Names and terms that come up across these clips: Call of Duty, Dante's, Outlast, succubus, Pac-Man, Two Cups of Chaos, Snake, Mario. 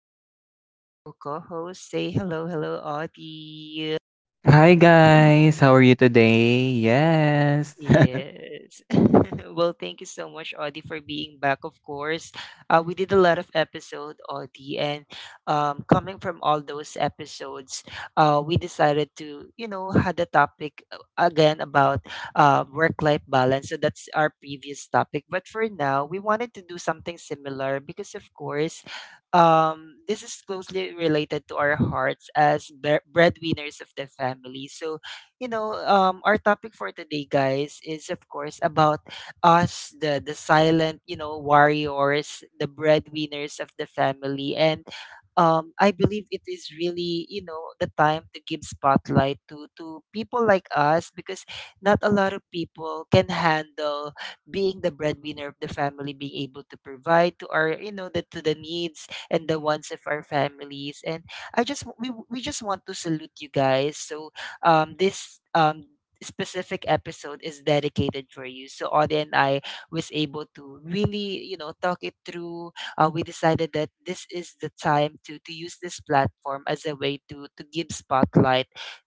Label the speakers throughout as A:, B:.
A: I have here my beautiful co host. Say hello, hello, Audie.
B: Hi guys, how are you today? Yes.
A: Yes. Thank you so much, Audie, for being back. Of course, we did a lot of episode, Audie, and coming from all those episodes, we decided to, you know, had a topic again about work-life balance. So that's our previous topic. But for now, we wanted to do something similar because, of course, this is closely related to our hearts as breadwinners of the family. So you know, our topic for today, guys, is of course about us, the silent, you know, warriors, the breadwinners of the family, and I believe it is really, you know, the time to give spotlight to people like us because not a lot of people can handle being the breadwinner of the family, being able to provide to our, you know, the to the needs and the wants of our families, and I just we just want to salute you guys. So this specific episode is dedicated for you. So Audie and I was able to really, you know, talk it through. We decided that this is the time to use this platform as a way to give spotlight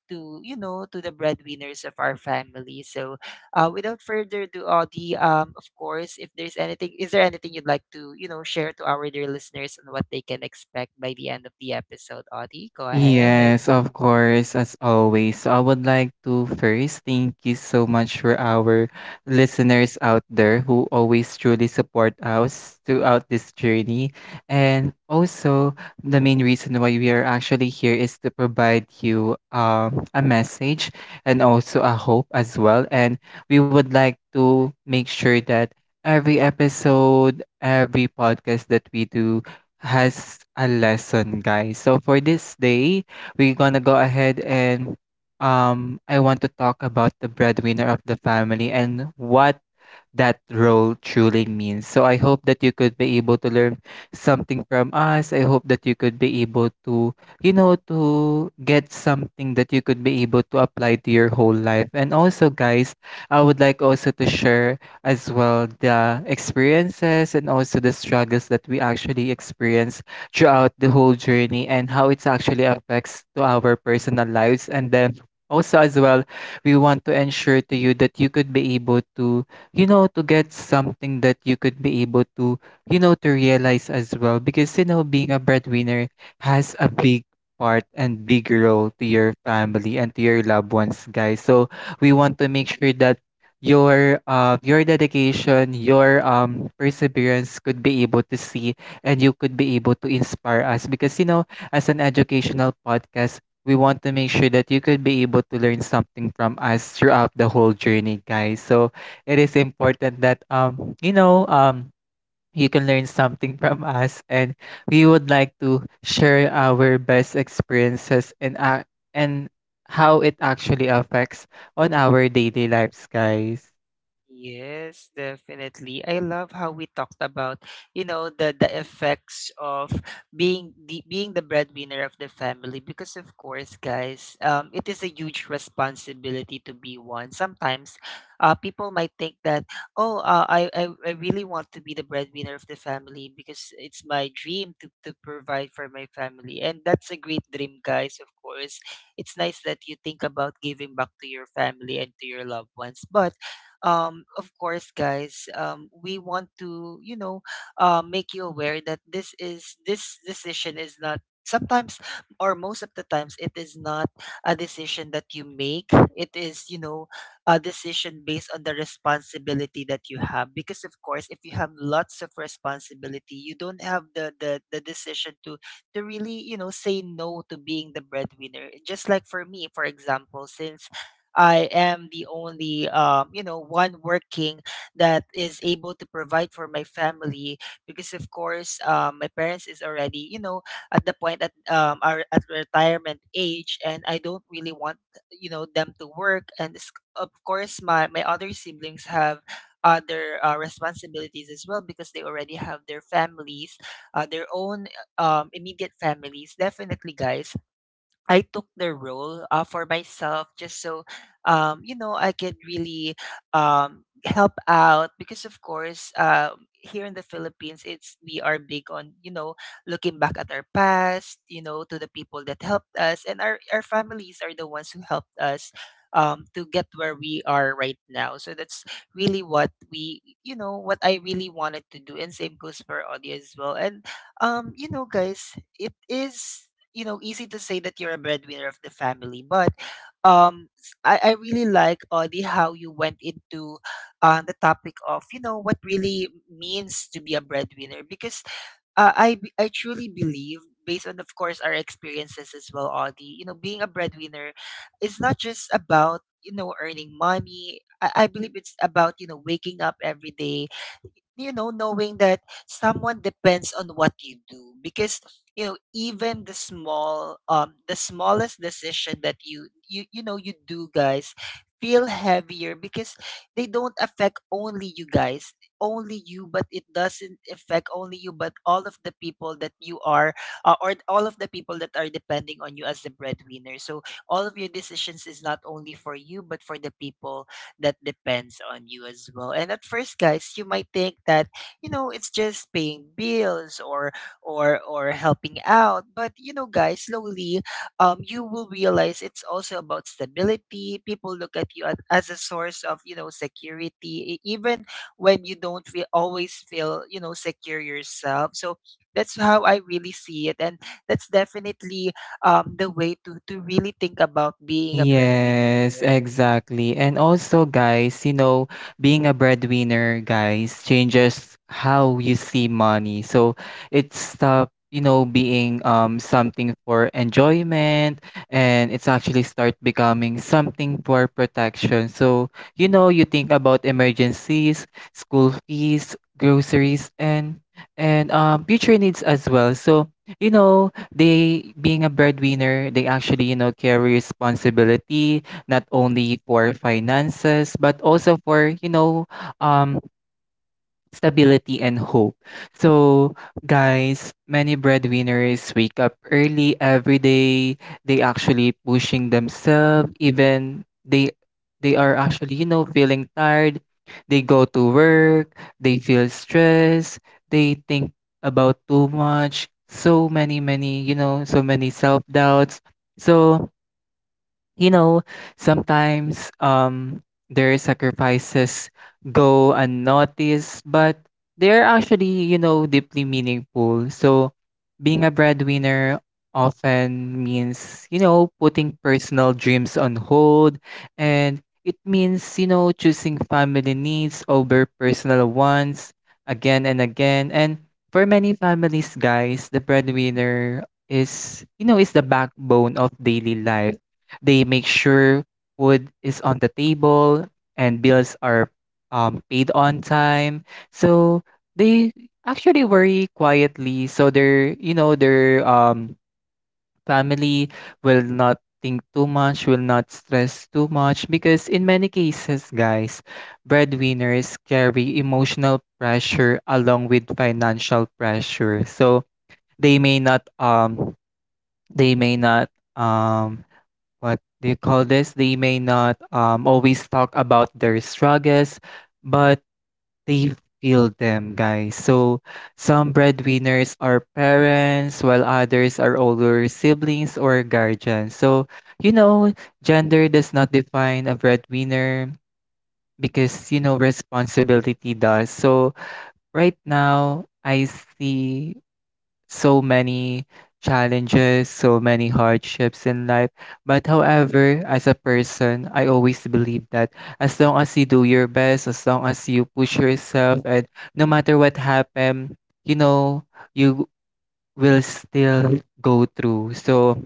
A: to you know to the breadwinners of our family. So without further ado, Audie, of course, if there's anything, is there anything you'd like to you know share to our dear listeners and what they can expect by the end of the episode, Audie? Go ahead.
B: Yes, of course, as always. So I would like to first thank you so much for our listeners out there who always truly support us throughout this journey. And also, the main reason why we are actually here is to provide you a message and also a hope as well. And we would like to make sure that every episode, every podcast that we do, has a lesson, guys. So for this day, we're gonna go ahead and I want to talk about the breadwinner of the family and what that role truly means. So I hope that you could be able to learn something from us. I hope that you could be able to, you know, to get something that you could be able to apply to your whole life. And also, guys, I would like also to share as well the experiences and also the struggles that we actually experience throughout the whole journey and how it actually affects to our personal lives and then also as well we want to ensure to you that you could be able to you know, to get something that you could be able to, you know, to realize as well. Because, you know, being a breadwinner has a big part and big role to your family and to your loved ones, guys. So we want to make sure that your dedication your perseverance could be able to see and you could be able to inspire us because you know as an educational podcast we want to make sure that you could be able to learn something from us throughout the whole journey, guys. So it is important that you know you can learn something from us, and we would like to share our best experiences and how it actually affects on our daily lives, guys.
A: Yes, definitely. I love how we talked about, you know, the effects of being the breadwinner of the family because of course, guys, it is a huge responsibility to be one. Sometimes people might think that, "Oh, I really want to be the breadwinner of the family because it's my dream to provide for my family." And that's a great dream, guys, of course. It's nice that you think about giving back to your family and to your loved ones. But of course, guys, we want to, you know, make you aware that this decision is not sometimes or most of the times it is not a decision that you make. It is you know a decision based on the responsibility that you have because of course if you have lots of responsibility you don't have the decision to really you know say no to being the breadwinner, just like for me for example, since I am the only, you know, one working that is able to provide for my family because, of course, my parents is already, you know, at the point at are at retirement age, and I don't really want, you know, them to work. And of course, my other siblings have other responsibilities as well because they already have their families, their own immediate families. Definitely, guys, I took the role for myself just so you know I can really help out because of course here in the Philippines it's we are big on you know looking back at our past, you know, to the people that helped us, and our families are the ones who helped us to get where we are right now. So that's really what we you know what I really wanted to do, and same goes for audio as well, and you know guys it is you know easy to say that you're a breadwinner of the family, but I really like audie how you went into the topic of you know what really means to be a breadwinner because I b- I truly believe based on of course our experiences as well, audie, you know being a breadwinner is not just about you know earning money. I believe it's about you know waking up every day, you know, knowing that someone depends on what you do, because you know even the smallest decision that you know you do, guys, feel heavier because they don't affect only you guys only you. But it doesn't affect only you but all of the people that you are or all of the people that are depending on you as the breadwinner. So all of your decisions is not only for you but for the people that depends on you as well. And at first, guys, you might think that you know it's just paying bills or helping out, but you know, guys, slowly, you will realize it's also about stability. People look at you at, as a source of you know security, even when you don't feel, always feel you know secure yourself. So that's how I really see it, and that's definitely the way to really think about being a breadwinner.
B: Yes, exactly. And also, guys, you know, being a breadwinner, guys, changes how you see money. So it stop, you know, being something for enjoyment, and it's actually start becoming something for protection. So, you know, you think about emergencies, school fees, groceries, and future needs as well. So, you know, they being a breadwinner, they actually, you know, carry responsibility not only for finances but also for, you know, um stability and hope. So, guys, many breadwinners wake up early every day. They actually pushing themselves even they are actually, you know, feeling tired. They go to work, they feel stressed, they think about too much, so many, you know, so many self-doubts. So, you know, sometimes their sacrifices go unnoticed, but they're actually, you know, deeply meaningful. So being a breadwinner often means, you know, putting personal dreams on hold, and it means, you know, choosing family needs over personal wants again and again. And for many families, guys, the breadwinner is, you know, is the backbone of daily life. They make sure food is on the table and bills are paid on time. So they actually worry quietly. So their you know their family will not think too much, will not stress too much, because in many cases, guys, breadwinners carry emotional pressure along with financial pressure. So they may not um they may not um what do you call this? They may not always talk about their struggles, but they feel them, guys. So some breadwinners are parents, while others are older siblings or guardians. So you know, gender does not define a breadwinner because you know responsibility does. So right now, I see so many challenges, so many hardships in life. But however, as a person, I always believe that as long as you do your best, as long as you push yourself, and no matter what happen, you know, you will still go through. So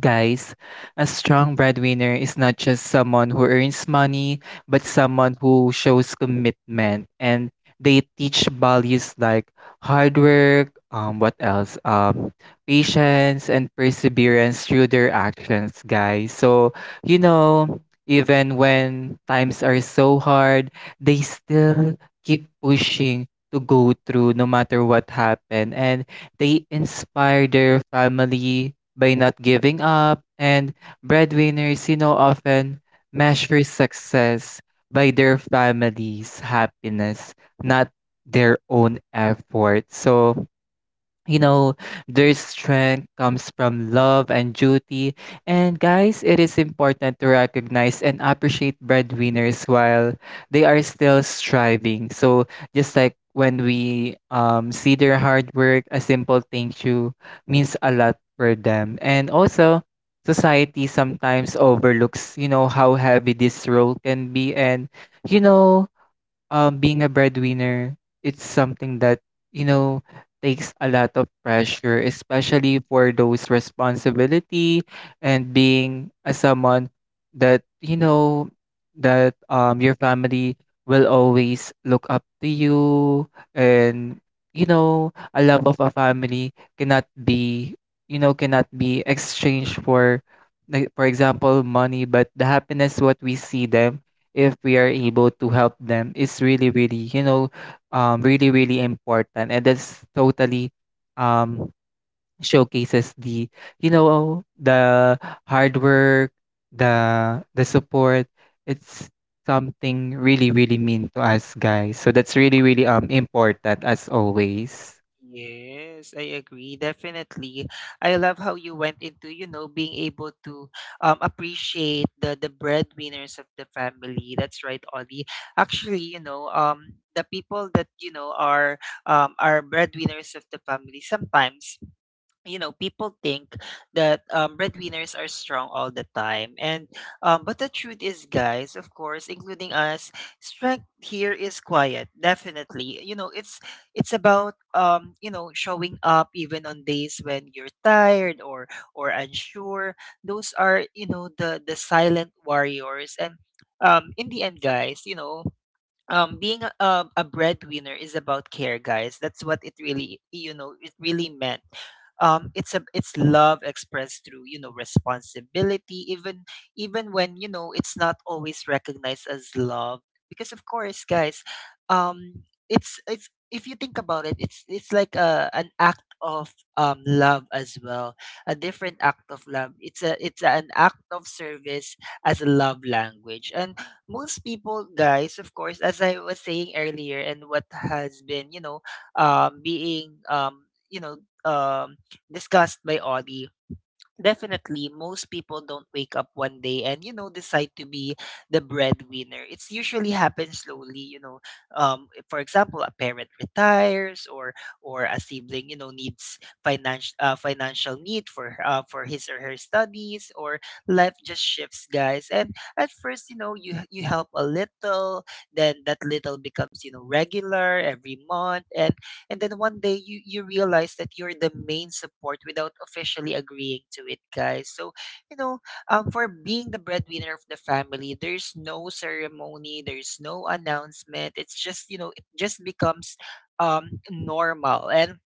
B: guys, a strong breadwinner is not just someone who earns money, but someone who shows commitment. And they teach values like hard work, what else? Patience and perseverance through their actions, guys. So, you know, even when times are so hard, they still keep pushing to go through no matter what happened. And they inspire their family by not giving up, and breadwinners, you know, often measure success by their family's happiness, not their own effort. So, you know, their strength comes from love and duty. And guys, it is important to recognize and appreciate breadwinners while they are still striving. So just like when we see their hard work, a simple thank you means a lot for them. And also, society sometimes overlooks, you know, how heavy this role can be. And, you know, being a breadwinner, it's something that, you know, takes a lot of pressure, especially for those responsibility, and being a someone that, you know, that your family will always look up to you, and you know, a love of a family cannot be you know, cannot be exchanged for like for example money, but the happiness what we see them if we are able to help them is really really you know really really important, and that's totally um, showcases the you know the hard work, the support, it's something really really mean to us, guys. So that's really really important as always.
A: Yes, I agree. Definitely. I love how you went into, you know, being able to appreciate the breadwinners of the family. That's right, Ollie. Actually, you know, the people that, you know, are breadwinners of the family sometimes you know people think that breadwinners are strong all the time, and but the truth is guys of course including us, strength here is quiet. Definitely you know it's about you know showing up even on days when you're tired or unsure. Those are you know the silent warriors. And in the end guys you know being a breadwinner is about care, guys. That's what it really you know it really meant. It's a it's love expressed through you know responsibility, even even when you know it's not always recognized as love, because of course guys um it's if you think about it it's like a an act of love as well. A different act of love, it's a it's an act of service as a love language. And most people guys of course as I was saying earlier and what has been you know um being um you know um discussed by audi. Definitely, most people don't wake up one day and you know decide to be the breadwinner. It's usually happens slowly, you know. For example, a parent retires, or a sibling, you know, needs financial financial need for his or her studies, or life just shifts, guys. And at first, you know, you help a little, then that little becomes you know regular every month, and then one day you you realize that you're the main support without officially agreeing to it, guys. So you know for being the breadwinner of the family there's no ceremony, there's no announcement, it's just you know it just becomes normal. And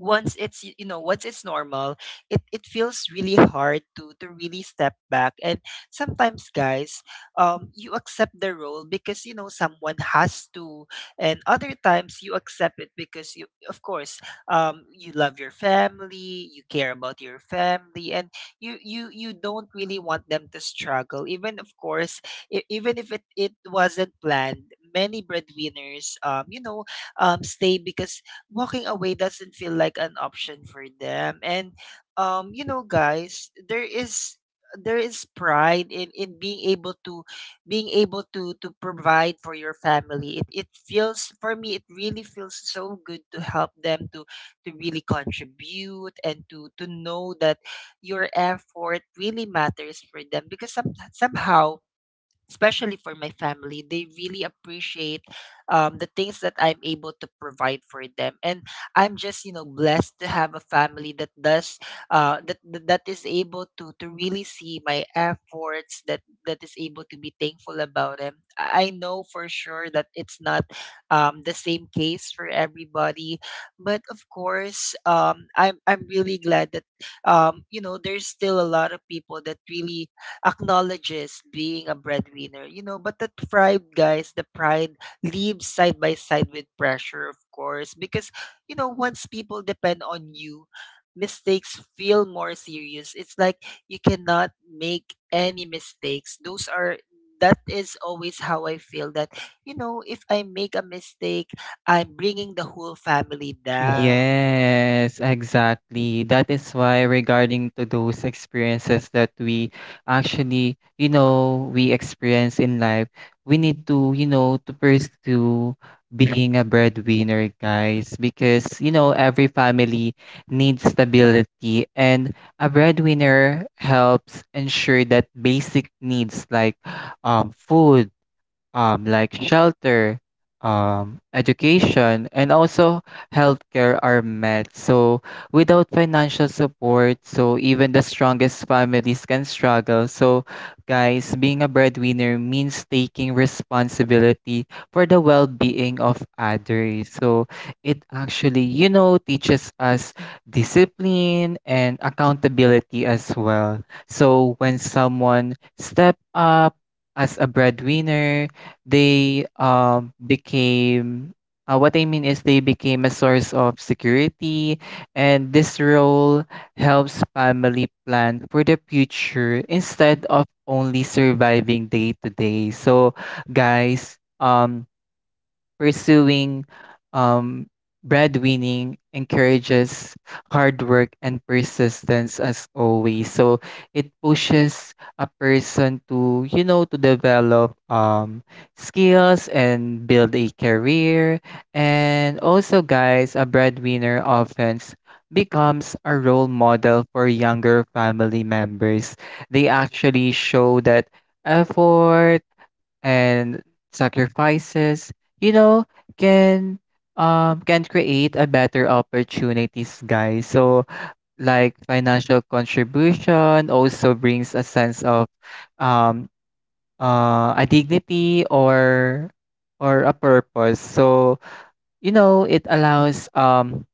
A: once it's you know once it's normal it, it feels really hard to really step back. And sometimes guys you accept the role because you know someone has to, and other times you accept it because you of course you love your family you care about your family and you don't really want them to struggle, even of course even if it, it wasn't planned. Many breadwinners you know stay because walking away doesn't feel like an option for them. And you know guys there is pride in being able to provide for your family. It feels for me it really feels so good to help them to really contribute and to know that your effort really matters for them, because some, somehow especially for my family they really appreciate the things that I'm able to provide for them. And I'm just you know blessed to have a family that does that is able to really see my efforts, that that is able to be thankful about them. I know for sure that it's not the same case for everybody, but of course I'm really glad that you know there's still a lot of people that really acknowledges being a breadwinner, you know. But that pride, guys, the pride lives side by side with pressure, of course, because, you know, once people depend on you, mistakes feel more serious. It's like you cannot make any mistakes. Those are that is always how I feel that, you know, if I make a mistake, I'm bringing the whole family down.
B: Yes, exactly. That is why regarding to those experiences that we actually, you know, we experience in life, we need to, you know, to pursue being a breadwinner, guys, because, you know, every family needs stability, and a breadwinner helps ensure that basic needs like food, like shelter, education, and also healthcare are met. So without financial support, so even the strongest families can struggle. So, guys, being a breadwinner means taking responsibility for the well being of others. So it actually, you know, teaches us discipline and accountability as well. So when someone step up, as a breadwinner, they became what I mean is they became a source of security, and this role helps family plan for the future instead of only surviving day to day. So, guys, pursuing um, breadwinning encourages hard work and persistence as always. So it pushes a person to, you know, to develop skills and build a career. And also, guys, a breadwinner often becomes a role model for younger family members. They actually show that effort and sacrifices, you know, can can create a better opportunities, guys. So like financial contribution also brings a sense of um a dignity or a purpose. So, you know, it allows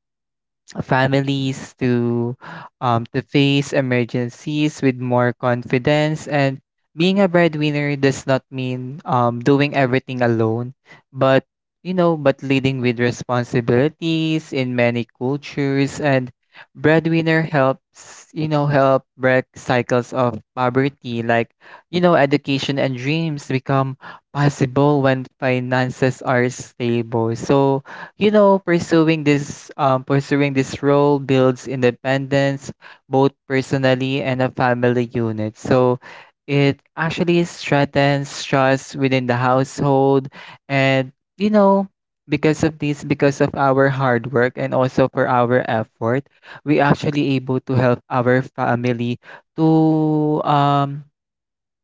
B: families to face emergencies with more confidence, and being a breadwinner does not mean doing everything alone, but you know but leading with responsibilities in many cultures, and breadwinner helps you know help break cycles of poverty, like you know education and dreams become possible when finances are stable. So you know, pursuing this pursuing this role builds independence both personally and a family unit. So it actually strengthens trust within the household, and you know because of this, because of our hard work and also for our effort, we actually able to help our family to um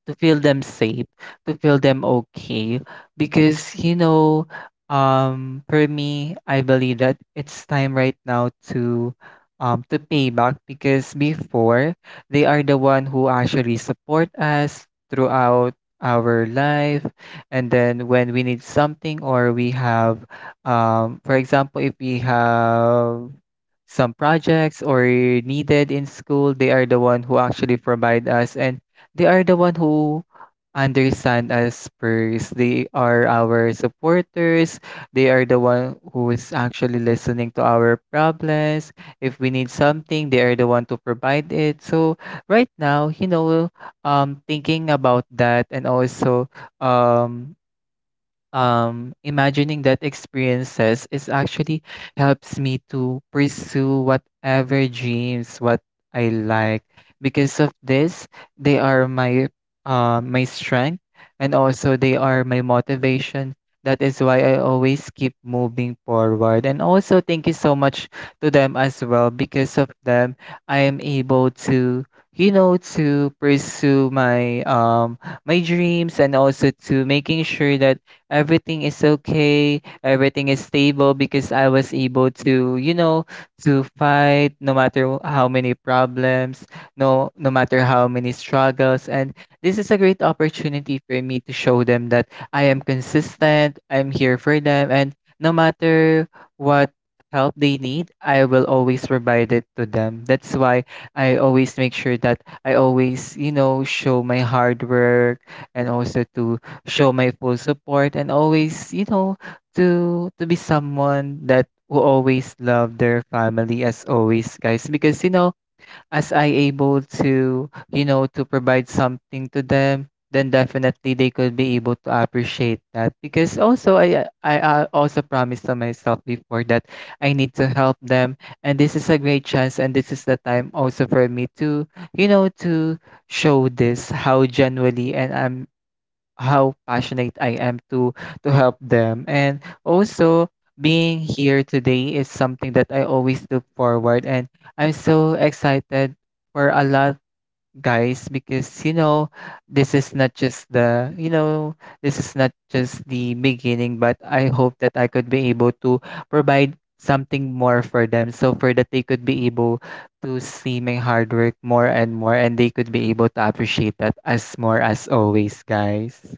B: to feel them safe, to feel them okay. Because, you know, for me, I believe that it's time right now to pay back, because before they are the one who actually support us throughout our life, and then when we need something, or we have for example if we have some projects or needed in school, they are the one who actually provide us, and they are the one who understand us first. They are our supporters. They are the one who is actually listening to our problems. If we need something, they are the one to provide it. So right now, you know, thinking about that, and also um imagining that experiences is actually helps me to pursue whatever dreams what I like. Because of this, they are my my strength, and also they are my motivation. That is why I always keep moving forward. And also thank you so much to them as well. Because of them, I am able to, you know, to pursue my my dreams, and also to making sure that everything is okay, everything is stable, because I was able to, you know, to fight no matter how many problems, no matter how many struggles. And this is a great opportunity for me to show them that I am consistent, I'm here for them, and no matter what help they need, I will always provide it to them. That's why I always make sure that I always, show my hard work and also to show my full support and always, to be someone that who always love their family as always, guys, because as I able to, to provide something to them, then definitely they could be able to appreciate that. Because also, I also promised to myself before that I need to help them. And this is a great chance, and this is the time also for me to, to show this how genuinely, and I'm how passionate I am to help them. And also being here today is something that I always look forward, and I'm so excited for a lot, guys, because you know this is not just the you know this is not just the beginning, but I hope that I could be able to provide something more for them, so for that they could be able to see my hard work more and more, and they could be able to appreciate that as more as always, guys.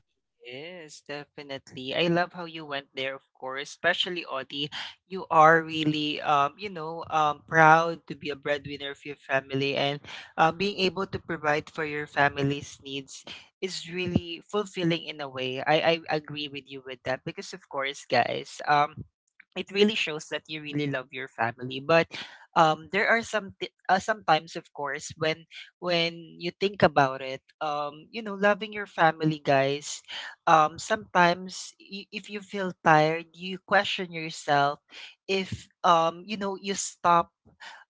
A: Yes, definitely. I love how you went there, of course, especially Audie. You are really, proud to be a breadwinner of your family, and being able to provide for your family's needs is really fulfilling in a way. I agree with you with that because, of course, guys, it really shows that you really love your family. But there are some t- sometimes, of course, when you think about it, loving your family, guys, if you feel tired, you question yourself if, you know, you stop.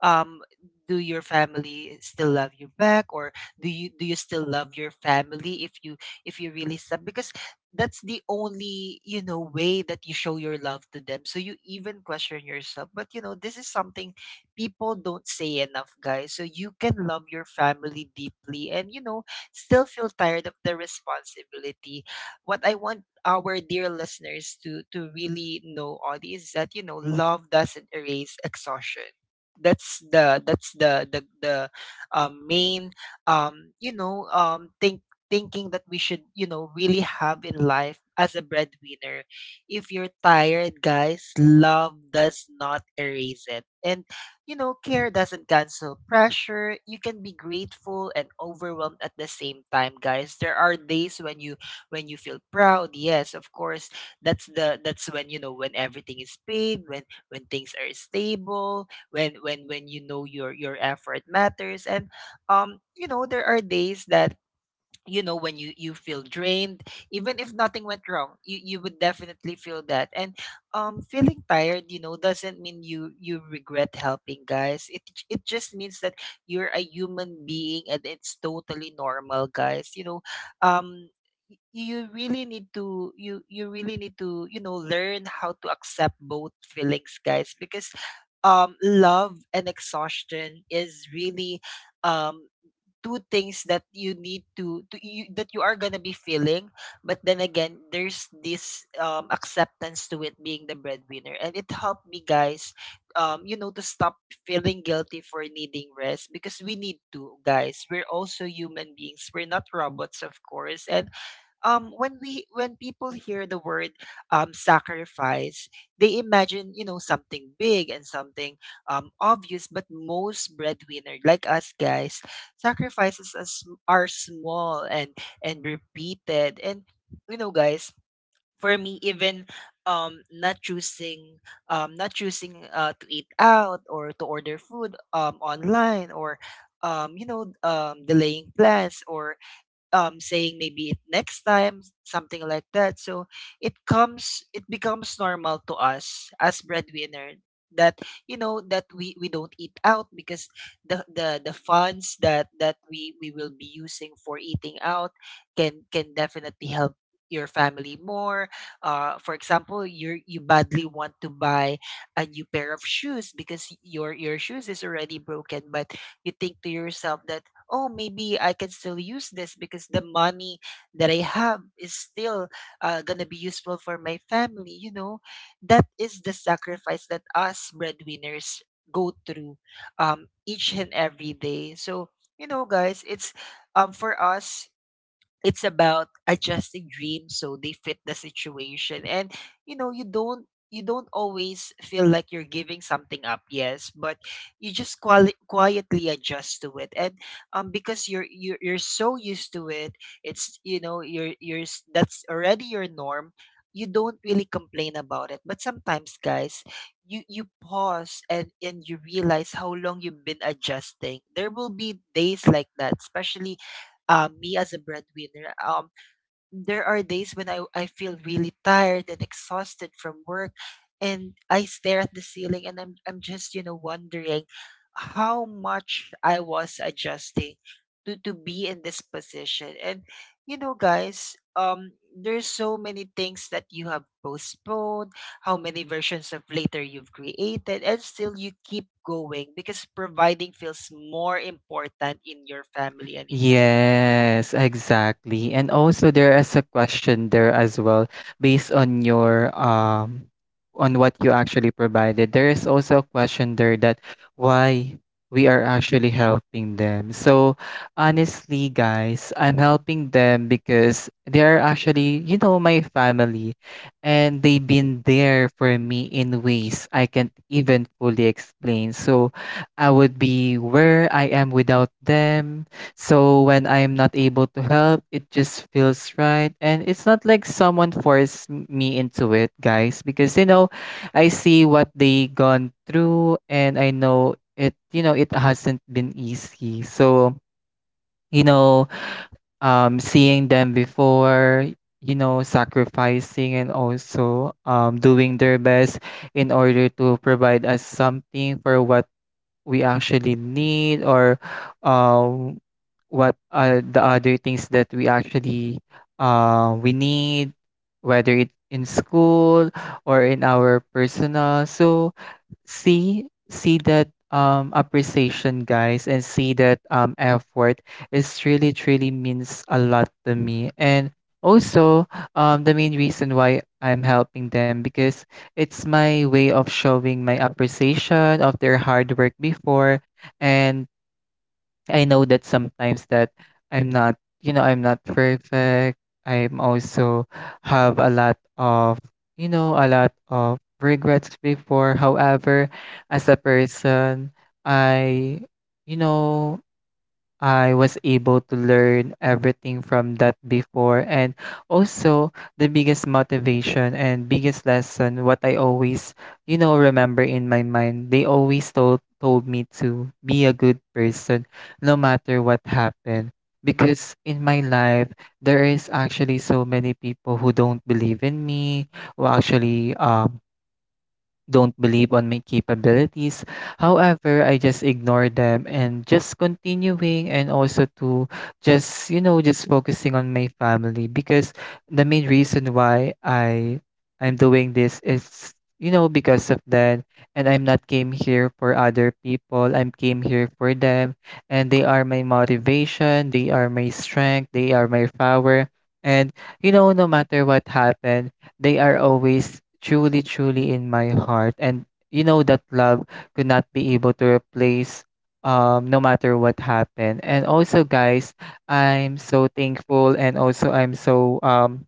A: Um, do your family still love you back, or do you still love your family if you really stop? Because that's the only, you know, way that you show your love to them. So you even question yourself. But, you know, this is something people don't say enough, guys. So you can love your family deeply, and, you know, still feel tired of the responsibility. What I want our dear listeners to really know on is that, you know, love doesn't erase exhaustion. That's the, main um you know um think thinking that we should, you know, really have in life as a breadwinner. If you're tired, guys, love does not erase it, and, you know, care doesn't cancel pressure. You can be grateful and overwhelmed at the same time, guys. There are days when you feel proud, yes, of course. That's the, that's when, you know, when everything is paid, when things are stable, when, you know, your effort matters. And you know, there are days that, you know, when you feel drained even if nothing went wrong. You would definitely feel that. And feeling tired, you know, doesn't mean you regret helping, guys. It just means that you're a human being, and it's totally normal, guys, you know. um you really need to, you really need to, you know, learn how to accept both feelings, guys, because love and exhaustion is really, um two things that you need to that you are gonna be feeling. But then again, there's this, acceptance to it being the breadwinner, and it helped me, guys, you know, to stop feeling guilty for needing rest, because we need to, guys. We're also human beings, we're not robots, of course. And when we, when people hear the word sacrifice, they imagine, you know, something big and something obvious, but most breadwinner like us, guys, sacrifices are small and repeated. And, you know, guys, for me, even um not choosing not choosing to eat out, or to order food online, or delaying plans, or, saying maybe it next time, something like that. So it comes, it becomes normal to us as breadwinner that, you know, that we don't eat out because the funds that we will be using for eating out can definitely help your family more. For example, you badly want to buy a new pair of shoes because your shoes is already broken, but you think to yourself that, oh, maybe I can still use this because the money that I have is still, gonna be useful for my family, you know. That is the sacrifice that us breadwinners go through each and every day. So, you know, guys, it's, for us, it's about adjusting dreams so they fit the situation. And, you know, you don't always feel like you're giving something up, yes, but you just quietly adjust to it. And because you're so used to it, it's, you know, that's already your norm. You don't really complain about it. But sometimes, guys, you pause and you realize how long you've been adjusting. There will be days like that, especially, me as a breadwinner. There are days when I feel really tired and exhausted from work, and I stare at the ceiling and I'm just, you know, wondering how much I was adjusting to be in this position. And, you know, guys, there's so many things that you have postponed, how many versions of later you've created, and still you keep going because providing feels more important in your family and in.
B: Yes, exactly. And also there is a question there as well based on your on what you actually provided. There is also a question there that why we are actually helping them. So honestly, guys, I'm helping them because they are actually, you know, my family, and they've been there for me in ways I can't even fully explain. So I would be where I am without them. So when I'm not able to help, it just feels right. And it's not like someone forced me into it, guys, because you know, I see what they gone through, and I know it, you know, it hasn't been easy. So, you know, seeing them before, you know, sacrificing, and also doing their best in order to provide us something for what we actually need, or um, what are the other things that we actually we need, whether it in school or in our personal. So see that appreciation, guys, and see that effort is really truly means a lot to me. And also, the main reason why I'm helping them, because it's my way of showing my appreciation of their hard work before. And I know that sometimes that I'm not, you know, I'm not perfect. I'm also have a lot of, you know, a lot of regrets before. However, as a person, I, you know, I was able to learn everything from that before. And also, the biggest motivation and biggest lesson, what I always, you know, remember in my mind, they always told me to be a good person no matter what happened. Because in my life, there is actually so many people who don't believe in me, who actually don't believe on my capabilities. However, I just ignore them and just continuing, and also to just, you know, just focusing on my family. Because the main reason why I'm doing this is, you know, because of them. And I'm not came here for other people. I'm came here for them, and they are my motivation, they are my strength, they are my power. And you know, no matter what happened, they are always truly, truly in my heart. And you know that love could not be able to replace no matter what happened. And also, guys, I'm so thankful, and also I'm so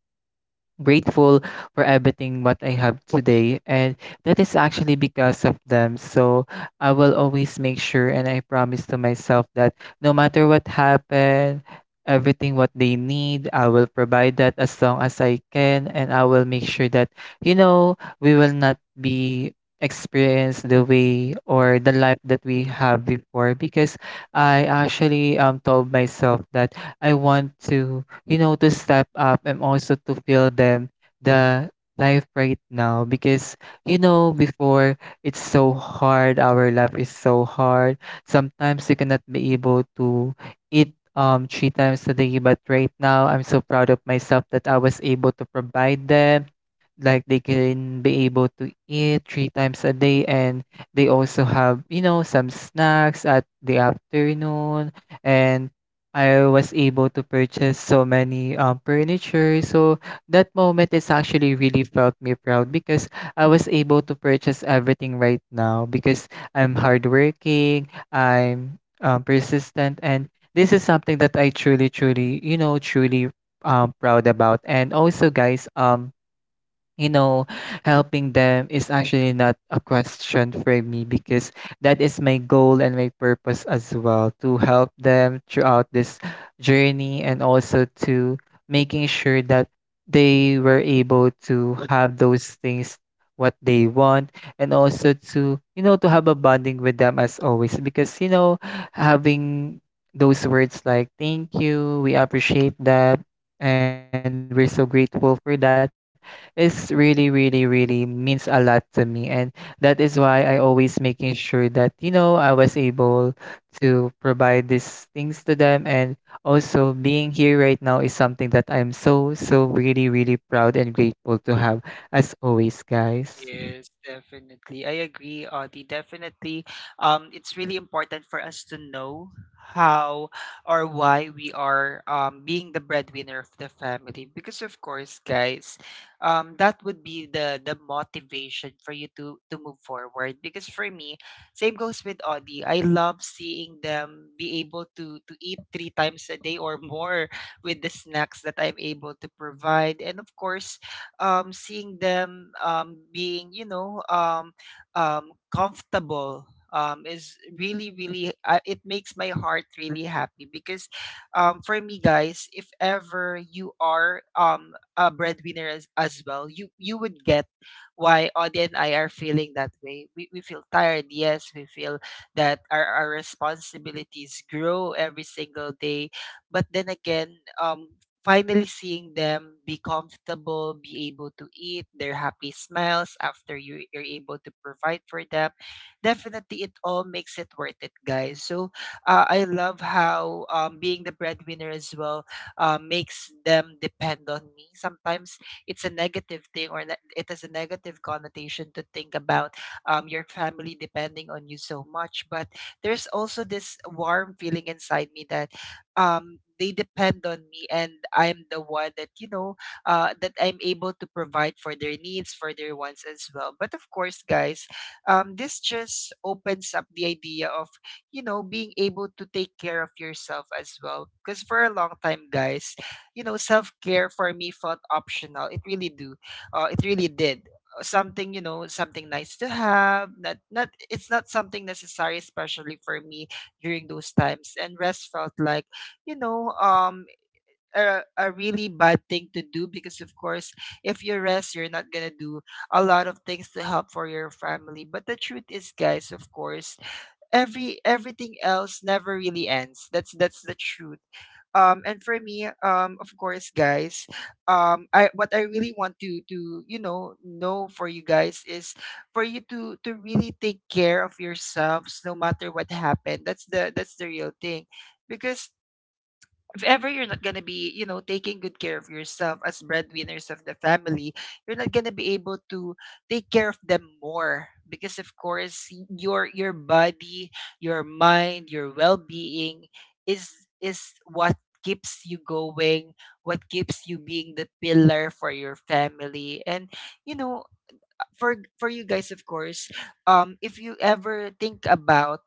B: grateful for everything what I have today, and that is actually because of them. So I will always make sure, and I promise to myself that no matter what happened, everything what they need, I will provide that as long as I can. And I will make sure that you know we will not be experience the way or the life that we have before, because I actually told myself that I want to, you know, to step up and also to feel them the life right now. Because you know before, it's so hard, our life is so hard, sometimes you cannot be able to eat three times a day. But right now I'm so proud of myself that I was able to provide them, like they can be able to eat three times a day, and they also have, you know, some snacks at the afternoon. And I was able to purchase so many furniture. So that moment is actually really felt me proud, because I was able to purchase everything right now because I'm hardworking, I'm persistent, and this is something that I truly, truly, you know, truly proud about. And also, guys, you know, helping them is actually not a question for me, because that is my goal and my purpose as well, to help them throughout this journey, and also to making sure that they were able to have those things what they want, and also to, you know, to have a bonding with them as always. Because you know, having those words like thank you, we appreciate that, and we're so grateful for that, it's really, really, really means a lot to me. And that is why I always making sure that, you know, I was able to provide these things to them. And also being here right now is something that I'm so, so really, really proud and grateful to have as always, guys.
A: Yes, definitely. I agree, Audie. Definitely. It's really important for us to know how or why we are, being the breadwinner of the family. Because of course, guys, that would be the motivation for you to move forward. Because for me, same goes with Audie. I love seeing them be able to eat three times a day or more with the snacks that I'm able to provide. And of course, seeing them, being, you know, comfortable, is really, really, it makes my heart really happy because, for me, guys, if ever you are, a breadwinner as well, you, would get why Audie and I are feeling that way. We, feel tired, yes, we feel that our, responsibilities grow every single day. But then again, finally seeing them be comfortable, be able to eat, their happy smiles after you, you're able to provide for them, definitely it all makes it worth it, guys. So I love how, being the breadwinner as well, makes them depend on me. Sometimes it's a negative thing, or it has a negative connotation to think about, your family depending on you so much. But there's also this warm feeling inside me that they depend on me, and I'm the one that, you know, that I'm able to provide for their needs, for their wants as well. But of course, guys, this just opens up the idea of, you know, being able to take care of yourself as well, because for a long time, guys, you know, self-care for me felt optional. It really do, it really did. Something, you know, something nice to have, not it's not something necessary, especially for me during those times. And rest felt like, you know, a, really bad thing to do, because of course, if you rest, you're not gonna do a lot of things to help for your family. But the truth is, guys, of course, everything else never really ends. That's the truth. And for me, of course, guys, I, what I really want to, you know for you guys is for you to really take care of yourselves no matter what happened. That's the, that's the real thing. Because if ever you're not gonna be, you know, taking good care of yourself as breadwinners of the family, you're not gonna be able to take care of them more, because, of course, your body, your mind, your well-being is what keeps you going, what keeps you being the pillar for your family. And, you know, for you guys, of course, if you ever think about,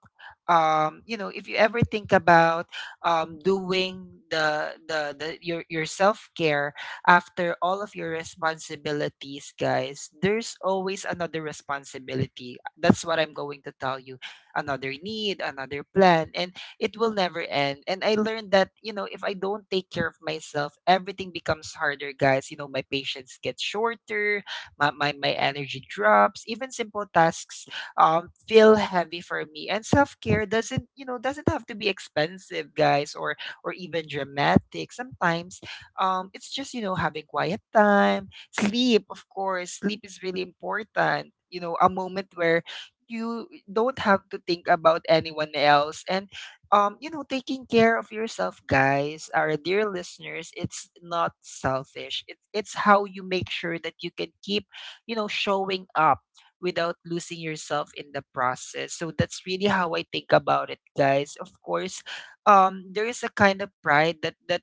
A: if you ever think about, doing the, your self-care after all of your responsibilities, guys, there's always another responsibility. That's what I'm going to tell you: another need, another plan. And it will never end. And I learned that, you know, if I don't take care of myself, everything becomes harder, guys. You know, my patience gets shorter, my energy drops. Even simple tasks, feel heavy for me. And self-care doesn't, you know, doesn't have to be expensive, guys, or even dramatic. Sometimes, it's just, you know, having quiet time, sleep. Of course, sleep is really important, you know, a moment where you don't have to think about anyone else. And, you know, taking care of yourself, guys, our dear listeners, it's not selfish. It's how you make sure that you can keep, you know, showing up without losing yourself in the process. So that's really how I think about it, guys. Of course, there is a kind of pride that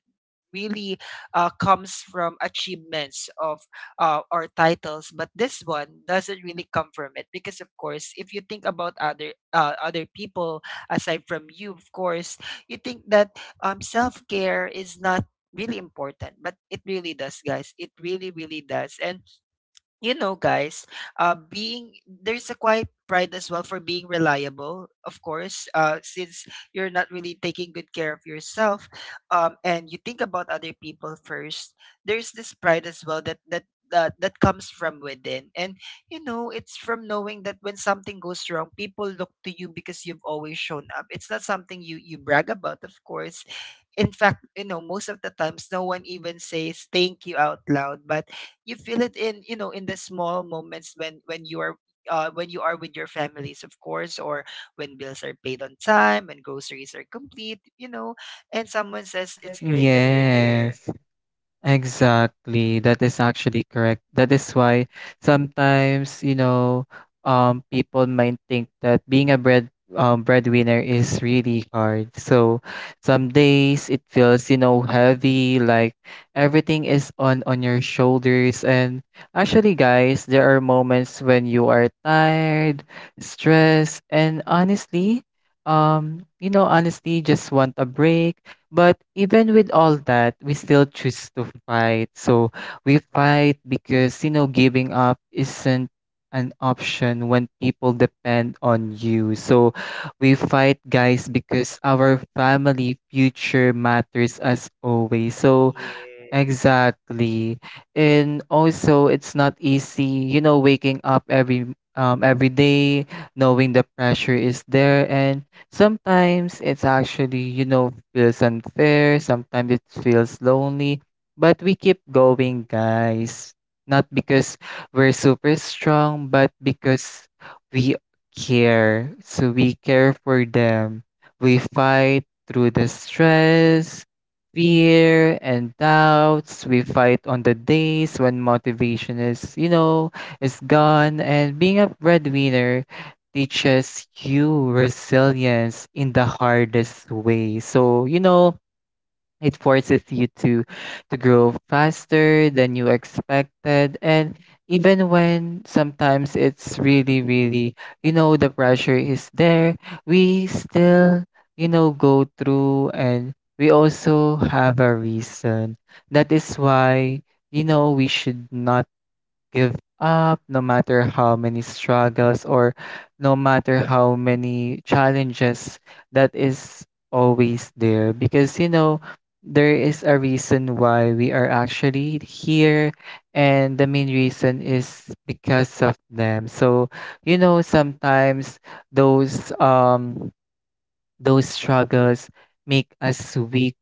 A: really, comes from achievements of, or titles. But this one doesn't really come from it, because of course, if you think about other, other people aside from you, of course, you think that, self-care is not really important, but it really does, guys. It really really does. And, you know, guys, being, there's a quiet pride as well for being reliable, of course, since you're not really taking good care of yourself, and you think about other people first. There's this pride as well that That, that comes from within. And you know, it's from knowing that when something goes wrong, people look to you because you've always shown up. It's not something you brag about, of course. In fact, you know, most of the times no one even says thank you out loud, but you feel it in, you know, in the small moments when when you are with your families, of course, or when bills are paid on time and groceries are complete, you know, and someone says it's great that you're
B: Yes.
A: there.
B: Exactly. That is actually correct. That is why sometimes, you know, people might think that being a breadwinner is really hard. So some days it feels, you know, heavy, like everything is on your shoulders. And actually, guys, there are moments when you are tired, stressed, and honestly, you know, honestly, just want a break. But even with all that, we still choose to fight. So we fight because, you know, giving up isn't an option when people depend on you. So we fight, guys, because our family future matters as always. So
A: Yeah.
B: exactly. And also it's not easy, you know, waking up every day, knowing the pressure is there. And sometimes it's actually, you know, feels unfair, sometimes it feels lonely, but we keep going, guys. Not because we're super strong, but because we care. So we care for them. We fight through the stress, fear and doubts. We fight on the days when motivation is, you know, is gone. And being a breadwinner teaches you resilience in the hardest way. So, you know, it forces you to grow faster than you expected. And even when sometimes it's really really, you know, the pressure is there, we still, you know, go through. And we also have a reason, that is why, you know, we should not give up, no matter how many struggles or no matter how many challenges that is always there. Because, you know, there is a reason why we are actually here, and the main reason is because of them. So, you know, sometimes those um those struggles make us weak.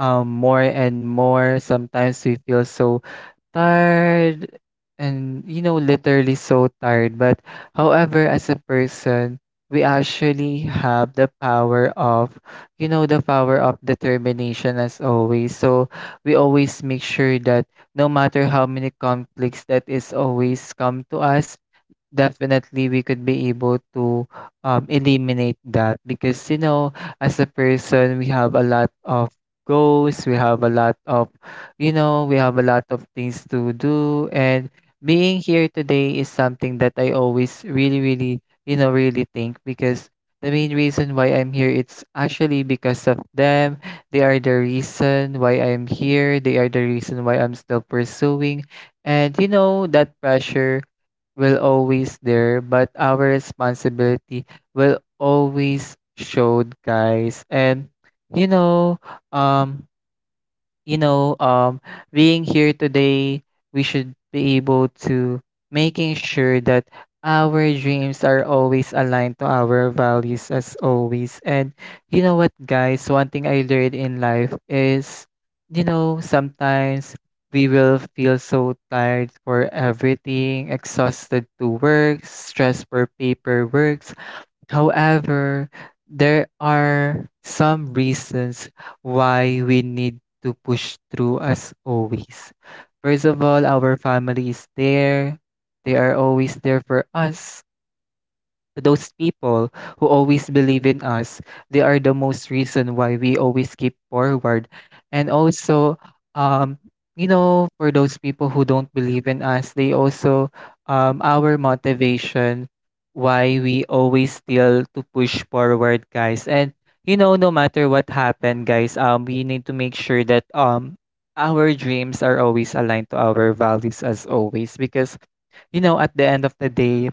B: More and more, sometimes we feel so tired and you know literally so tired. But however, as a person, we actually have the power of, you know, the power of determination as always. So we always make sure that no matter how many conflicts that is always come to us, definitely, we could be able to eliminate that. Because, you know, as a person, we have a lot of goals, we have a lot of, you know, we have a lot of things to do. And being here today is something that I always really, really, you know, really think, because the main reason why I'm here, it's actually because of them. They are the reason why I'm here, they are the reason why I'm still pursuing. And, you know, that pressure will always there, but our responsibility will always showed, guys. And you know, um, you know, being here today, we should be able to making sure that our dreams are always aligned to our values as always. And you know what, guys, one thing I learned in life is, you know, sometimes we will feel so tired for everything, exhausted to work, stressed for paperwork. However, there are some reasons why we need to push through as always. First of all, our family is there. They are always there for us, those people who always believe in us. They are the most reason why we always keep forward. And also, um, you know, for those people who don't believe in us, they also our motivation why we always still to push forward, guys. And you know, no matter what happened, guys, we need to make sure that our dreams are always aligned to our values as always. Because you know, at the end of the day,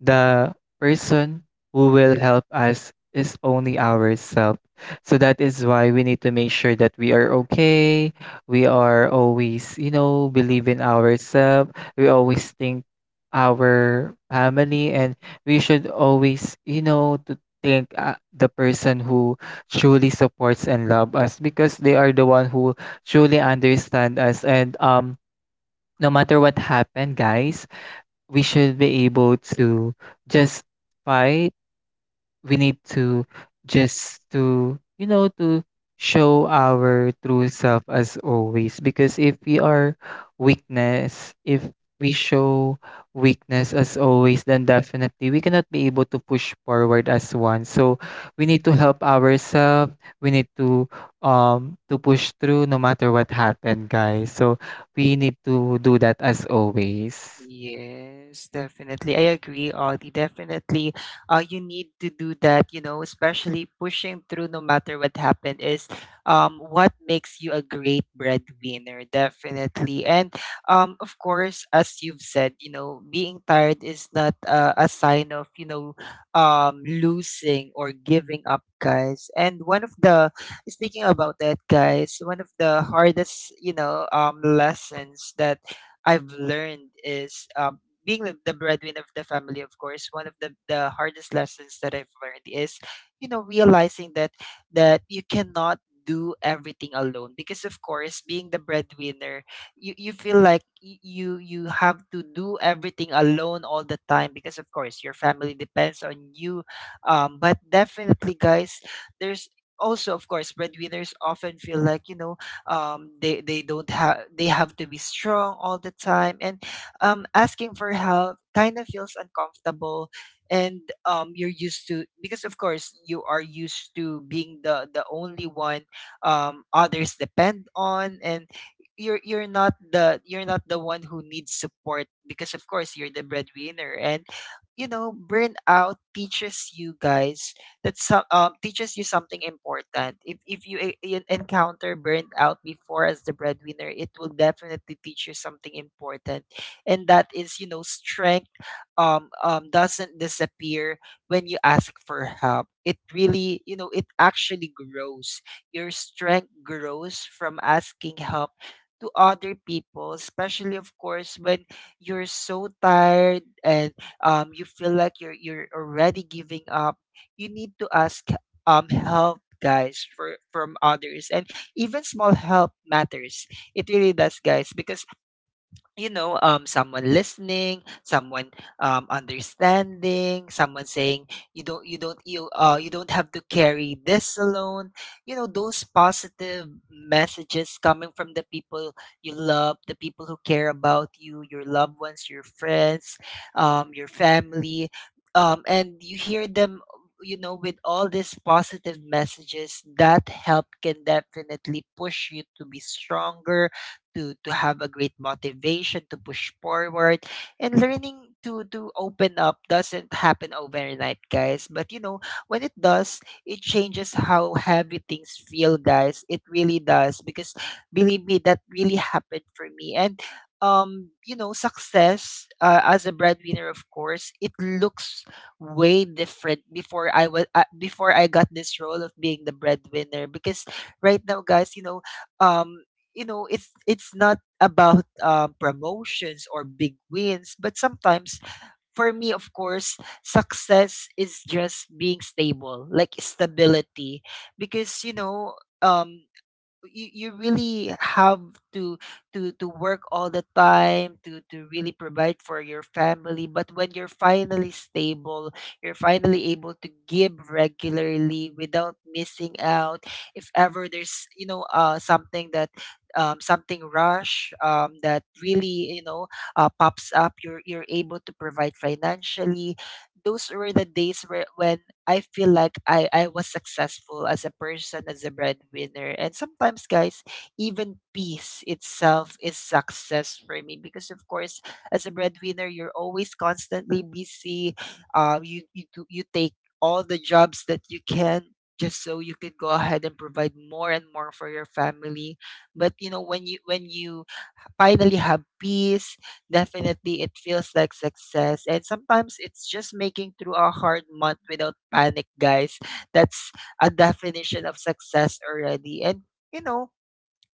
B: the person who will help us is only ourselves. So that is why we need to make sure that we are okay. We are always, you know, believe in ourselves. We always think our family and we should always, to think the person who truly supports and love us because they are the one who truly understand us. And No matter what happened, guys, we should be able to just fight. We need to just to, to show our true self as always. Because if we are weakness, if we show weakness as always, then definitely we cannot be able to push forward as one. So we need to help ourselves. We need to push through no matter what happened, guys. So we need to do that as always.
A: Yes, definitely. I agree, Audie. Definitely, you need to do that, you know, especially pushing through no matter what happened is what makes you a great breadwinner, definitely. And of course, as you've said, you know, being tired is not a sign of, you know, losing or giving up, guys. And speaking about that, guys, one of the hardest, you know, lessons that I've learned is being the breadwinner of the family, of course. One of the hardest lessons that I've learned is, you know, realizing that you cannot do everything alone, because of course, being the breadwinner, you feel like you have to do everything alone all the time because of course your family depends on you. But definitely, guys, there's also, of course, breadwinners often feel like, you know, they don't have, they have to be strong all the time, and asking for help kind of feels uncomfortable. And you're used to, because of course you are used to being the only one others depend on, and you're not the one who needs support because of course you're the breadwinner. And you know, burnout teaches you, guys, that teaches you something important. If you encounter burnout before as the breadwinner, it will definitely teach you something important. And that is, you know, strength doesn't disappear when you ask for help. It really, you know, it actually grows. Your strength grows from asking help to other people, especially, of course, when you're so tired and you feel like you're already giving up. You need to ask help, guys, from others. And even small help matters, it really does, guys, because you know, someone listening, someone understanding, someone saying you don't have to carry this alone. You know, those positive messages coming from the people you love, the people who care about you, your loved ones, your friends, your family, and you hear them. You know, with all these positive messages, that help can definitely push you to be stronger, to have a great motivation to push forward. And learning to open up doesn't happen overnight, guys, but you know, when it does, it changes how heavy things feel, guys. It really does, because believe me, that really happened for me. And you know, success as a breadwinner, of course, it looks way different. Before i was uh, before I got this role of being the breadwinner, because right now, guys, you know, um you know, it's not about promotions or big wins, but sometimes for me, of course, success is just being stable, like stability. Because you know, um you really have to to work all the time to really provide for your family. But when you're finally stable, you're finally able to give regularly without missing out. If ever there's, you know, something that something rush, that really, you know, pops up, you're able to provide financially. Those were the days where when I feel like I was successful as a person, as a breadwinner. And sometimes, guys, even peace itself is success for me because of course, as a breadwinner, you're always constantly busy. You do, you take all the jobs that you can just so you could go ahead and provide more and more for your family. But you know, when you finally have peace, definitely it feels like success. And sometimes it's just making through a hard month without panic, guys. That's a definition of success already. And you know,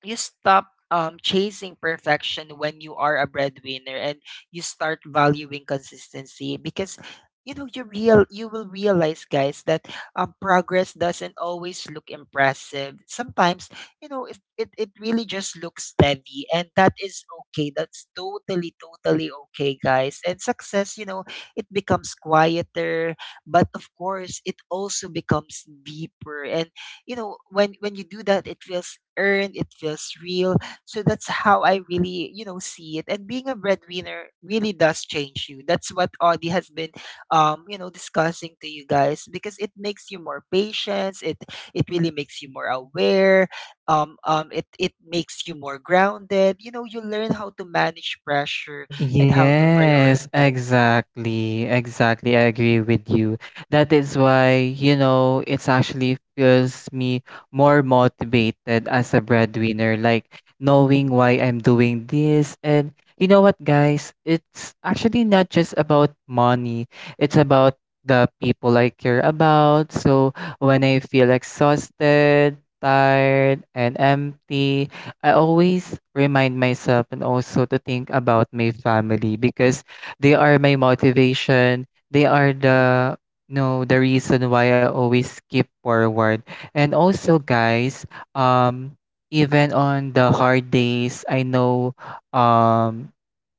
A: you stop chasing perfection when you are a breadwinner, and you start valuing consistency. Because you know, you will realize, guys, that progress doesn't always look impressive. Sometimes, you know, it really just looks steady, and that is okay. That's totally totally okay, guys. And success, you know, it becomes quieter, but of course, it also becomes deeper. And you know, when you do that, it feels earned, it feels real. So that's how I really, you know, see it. And being a breadwinner really does change you. That's what Audie has been, you know, discussing to you, guys, because it makes you more patient. It really makes you more aware. It makes you more grounded. You know, you learn how to manage pressure and how to
B: Yes,
A: prioritize.
B: exactly. Exactly. I agree with you. That is why, you know, it's actually feels me more motivated as a breadwinner, like knowing why I'm doing this. And you know what, guys? It's actually not just about money, it's about the people I care about. So when I feel exhausted, tired, and empty, I always remind myself and also to think about my family because they are my motivation. They are the no the reason why I always keep forward. And also, guys, um even on the hard days, I know um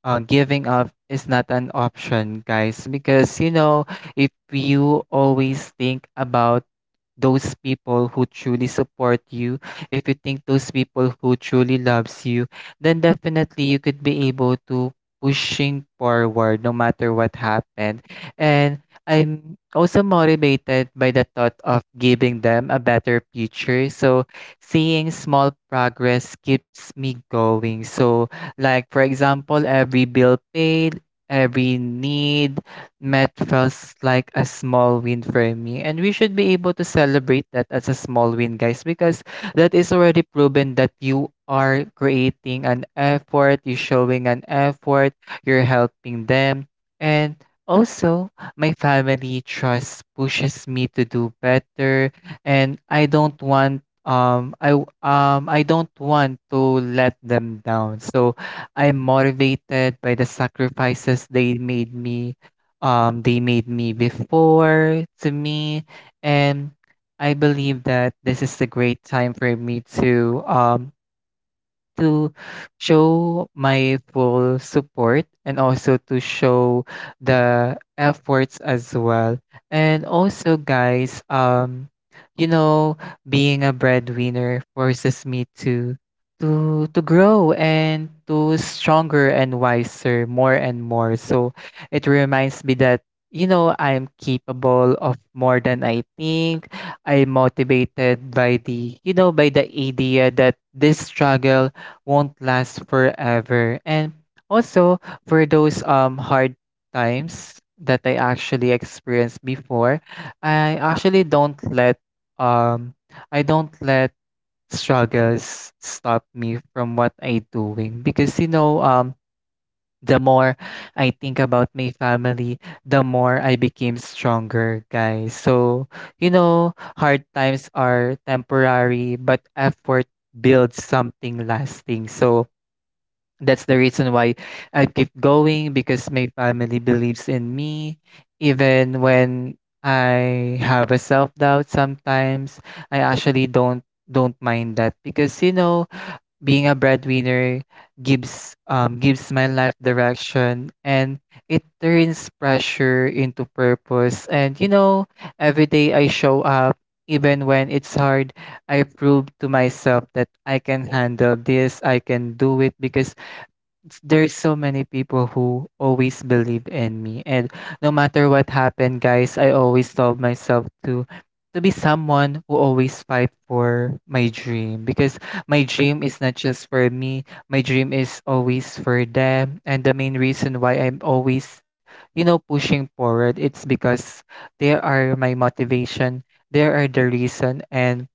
B: giving up is not an option, guys, because you know, if you always think about those people who truly support you, if you think those people who truly loves you, then definitely you could be able to pushing forward no matter what happened. And I'm also motivated by the thought of giving them a better future. So seeing small progress keeps me going. So like for example, every bill paid, every need met feels like a small win for me. And we should be able to celebrate that as a small win, guys, because that is already proven that you are creating an effort, you're showing an effort, you're helping them. And also, my family trust pushes me to do better and I don't want I don't want to let them down. So I'm motivated by the sacrifices they made me before to me, and I believe that this is the great time for me to show my full support and also to show the efforts as well. And also, guys, you know, being a breadwinner forces me to to grow and to stronger and wiser more and more. So it reminds me that you know I'm capable of more than I think. I'm motivated by the, you know, by the idea that this struggle won't last forever. And also for those hard times that I actually experienced before, I actually don't let um I don't let struggles stop me from what I doing because you know the more I think about my family, the more I became stronger, guys. So, you know, hard times are temporary, but effort builds something lasting. So, that's the reason why I keep going because my family believes in me. Even when I have a self-doubt sometimes, I actually don't mind that because you know, being a breadwinner gives my life direction and it turns pressure into purpose. And you know, every day I show up even when it's hard, I prove to myself that I can handle this, I can do it because there's so many people who always believe in me. And no matter what happened, guys, I always told myself to be someone who always fight for my dream, because my dream is not just for me, my dream is always for them. And the main reason why I'm always, you know, pushing forward, it's because they are my motivation, they are the reason. And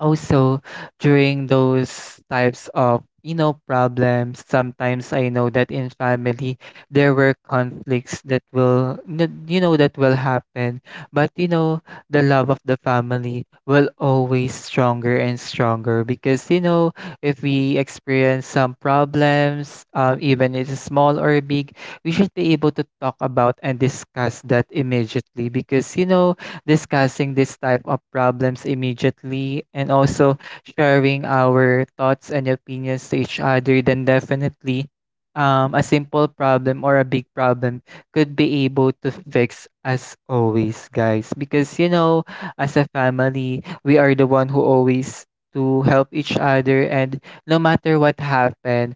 B: also, during those types of, you know, problems, sometimes I know that in family there were conflicts that will, you know, that will happen. But you know, the love of the family will always stronger and stronger because you know, if we experience some problems, even it's small or big, we should be able to talk about and discuss that immediately, because you know, discussing this type of problems immediately and also sharing our thoughts and opinions to each other, then definitely a simple problem or a big problem could be able to fix as always, guys. Because, you know, as a family, we are the one who always to help each other, and no matter what happened,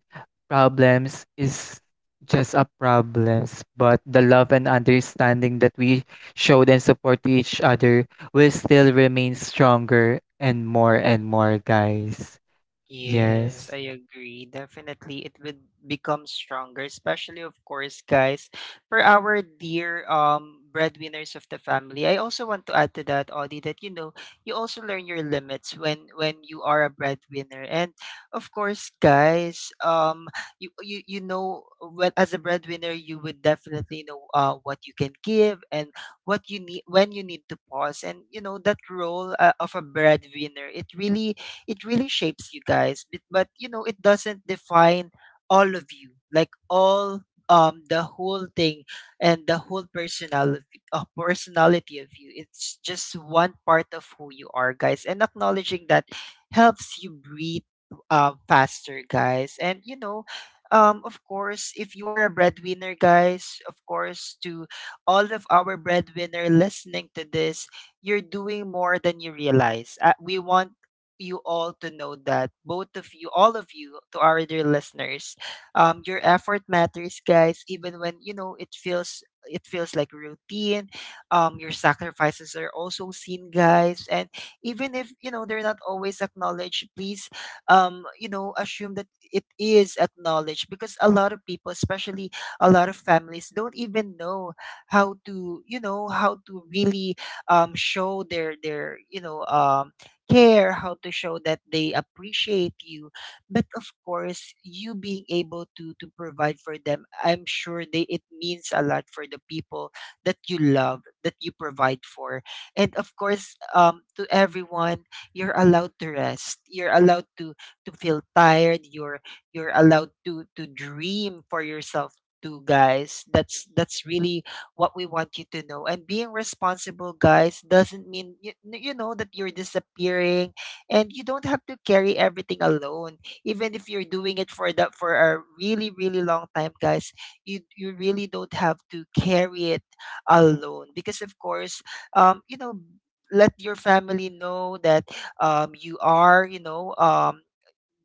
B: problems is just a problems, but the love and understanding that we showed and support each other will still remain stronger and more, guys.
A: Yes,
B: Yes. Yes.
A: I agree. Definitely, it would become stronger, especially, of course, guys, for our dear breadwinners of the family. I also want to add to that, Audie, that you know, you also learn your limits when you are a breadwinner. And of course, guys, you know, well, as a breadwinner, you would definitely know what you can give and what you need, when you need to pause. And you know, that role of a breadwinner, it really, it really shapes you, guys. But you know, it doesn't define all of you, like all the whole thing and the whole personality, personality of you. It's just one part of who you are, guys. And acknowledging that helps you breathe faster, guys. And you know, of course, if you are a breadwinner, guys, of course, to all of our breadwinner listening to this, you're doing more than you realize. We want you all to know that both of you, all of you, to our dear listeners, your effort matters, guys. Even when, you know, it feels, it feels like routine. Your sacrifices are also seen, guys. And even if, you know, they're not always acknowledged, please, you know, assume that it is acknowledged because a lot of people, especially a lot of families, don't even know how to, you know, how to really show their you know, care, how to show that they appreciate you. But of course, you being able to provide for them, I'm sure they, it means a lot for the people that you love, that you provide for. And of course, to everyone, you're allowed to rest. You're allowed to feel tired. You're allowed to dream for yourself too, guys. That's really what we want you to know. And being responsible, guys, doesn't mean you, you know, that you're disappearing, and you don't have to carry everything alone. Even if you're doing it for the, for a really really long time, guys, you really don't have to carry it alone because of course, you know, let your family know that you are, you know,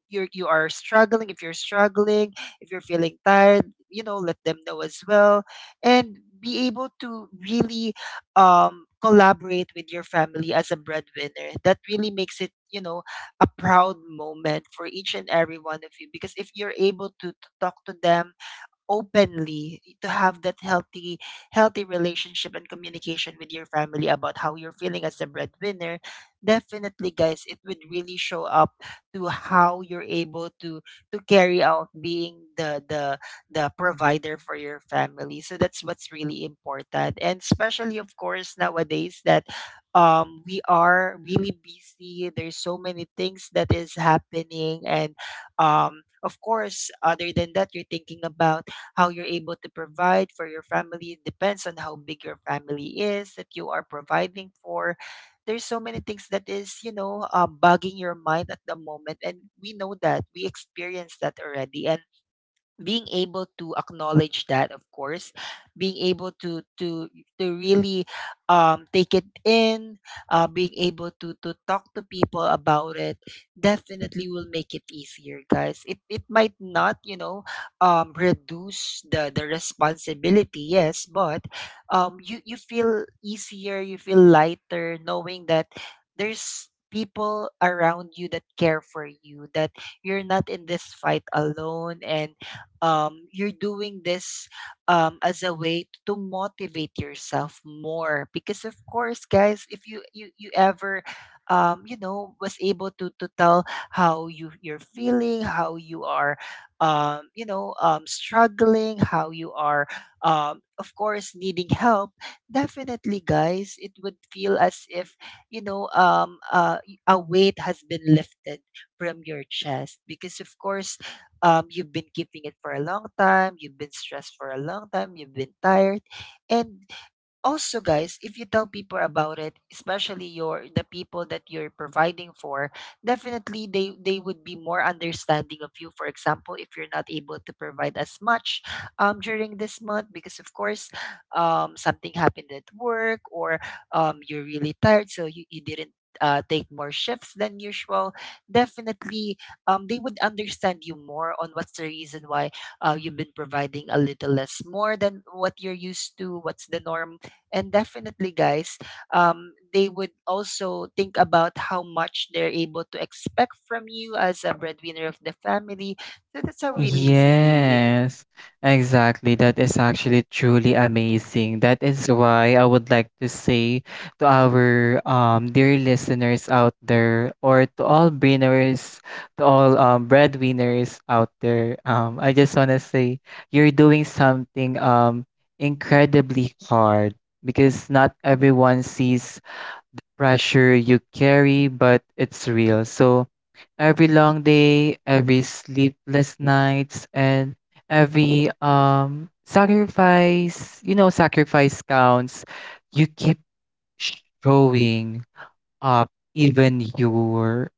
A: you are struggling. If you're struggling, if you're feeling tired, you know, let them know as well, and be able to really collaborate with your family as a breadwinner. That really makes it, you know, a proud moment for each and every one of you, because if you're able to talk to them openly, to have that healthy relationship and communication with your family about how you're feeling as a breadwinner, definitely, guys, it would really show up to how you're able to carry out being the provider for your family. So that's what's really important, and especially, of course, nowadays, that we are really busy. There's so many things that is happening, and of course, other than that, you're thinking about how you're able to provide for your family, depends on how big your family is that you are providing for. There's so many things that is, you know, bugging your mind at the moment, and we know that we experienced that already. And being able to acknowledge that, of course, being able to to really take it in, being able to talk to people about it, definitely will make it easier, guys. It might not, you know, reduce the responsibility, yes, but you feel easier, you feel lighter knowing that there's people around you that care for you, that you're not in this fight alone. And you're doing this as a way to motivate yourself more. Because of course, guys, if you ever you know, was able to tell how you're feeling, how you are you know, struggling, how you are of course, needing help, definitely, guys, it would feel as if, you know, a weight has been lifted from your chest because of course, you've been keeping it for a long time, you've been stressed for a long time, you've been tired. And also, guys, if you tell people about it, especially your, the people that you're providing for, definitely they would be more understanding of you. For example, if you're not able to provide as much during this month, because of course, something happened at work, or you're really tired, so you didn't take more shifts than usual, definitely, they would understand you more on what's the reason why you've been providing a little less more than what you're used to, what's the norm. And definitely, guys, they would also think about how much they're able to expect from you as a breadwinner of the family. So that's a really easy.
B: Yes, exactly. That is actually truly amazing. That is why I would like to say to our dear listeners out there, or to all breadwinners out there, I just wanna say you're doing something incredibly hard, because not everyone sees pressure you carry, but it's real. So every long day, every sleepless nights, and every sacrifice, you know, sacrifice counts. You keep showing up even you're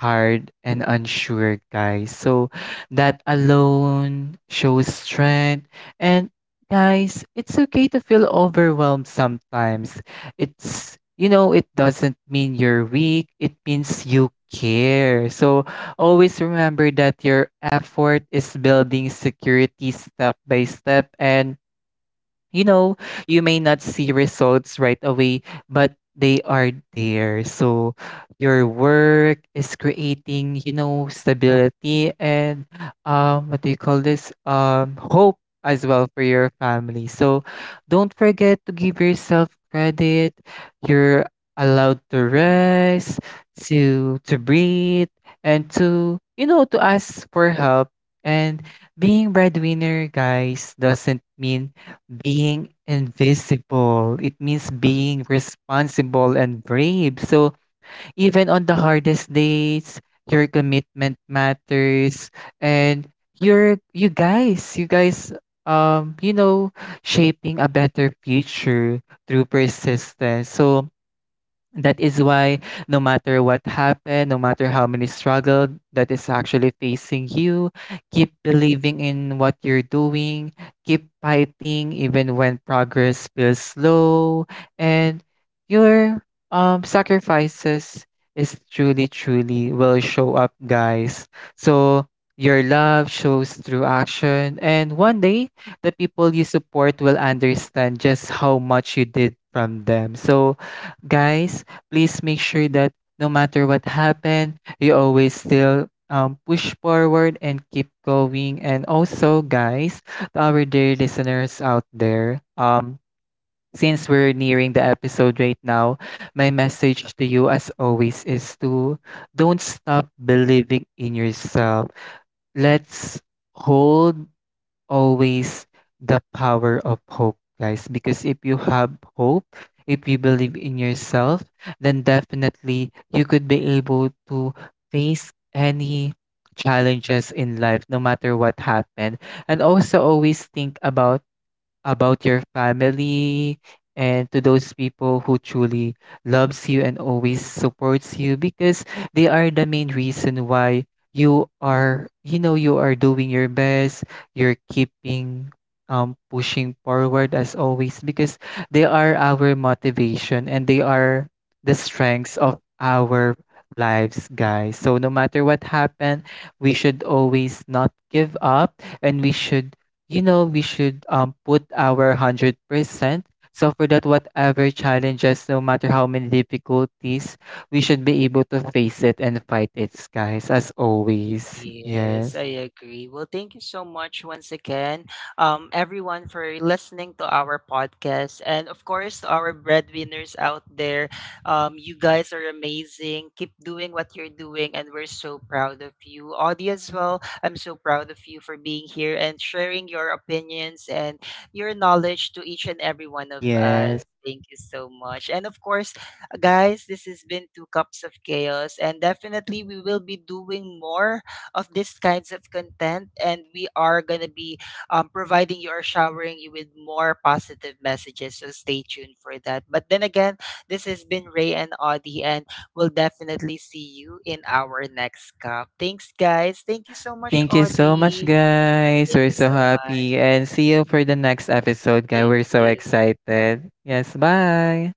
B: tired and unsure, guys. So that alone shows strength. And guys, it's okay to feel overwhelmed sometimes. It's, you know, it doesn't mean you're weak. It means you care. So always remember that your effort is building security step by step, and you know, you may not see results right away, but they are there. So your work is creating, you know, stability and what do you call this? Hope as well for your family. So don't forget to give yourself credit. You're allowed to rest, to breathe and to you know to ask for help. And being breadwinner, guys, doesn't mean being invisible, it means being responsible and brave. So even on the hardest days, your commitment matters, and your you guys, you guys you know shaping a better future through persistence. So that is why no matter what happened, no matter how many struggle that is actually facing you, keep believing in what you're doing, keep fighting even when progress feels slow, and your sacrifices is truly truly will show up, guys. So your love shows through action and one day the people you support will understand just how much you did from them. So guys, please make sure that no matter what happened, you always still push forward and keep going. And also, guys, to our dear listeners out there, since we're nearing the episode right now, my message to you, as always, is to don't stop believing in yourself. Let's hold always the power of hope, guys. Because if you have hope, if you believe in yourself, then definitely you could be able to face any challenges in life, no matter what happened. And also always think about your family and to those people who truly loves you and always supports you, because they are the main reason why you are, you know, you are doing your best, you're keeping pushing forward as always, because they are our motivation and they are the strengths of our lives, guys. So no matter what happened, we should always not give up, and we should, you know, we should put our 100%. So for that, whatever challenges, no matter how many difficulties, we should be able to face it and fight it, guys, as always.
A: Yes,
B: Yes.
A: I agree. Well, thank you so much once again, everyone, for listening to our podcast. And of course, to our breadwinners out there, you guys are amazing. Keep doing what you're doing, and we're so proud of you. Audie, as well, I'm so proud of you for being here and sharing your opinions and your knowledge to each and every one of us.
B: Yes,
A: Thank you so much. And of course, guys, this has been Two Cups of Chaos, and definitely we will be doing more of these kinds of content, and we are going to be providing you or showering you with more positive messages. So stay tuned for that. But then again, this has been Ray and Audie, and we'll definitely see you in our next cup. Thanks, guys. Thank you so much,
B: thank you so much,
A: Audie.
B: guys.
A: Thank
B: We're
A: you
B: so
A: so much.
B: happy, and see you for the next episode, guys.
A: Thank
B: We're so
A: you. Bye.
B: excited. Yes. Bye.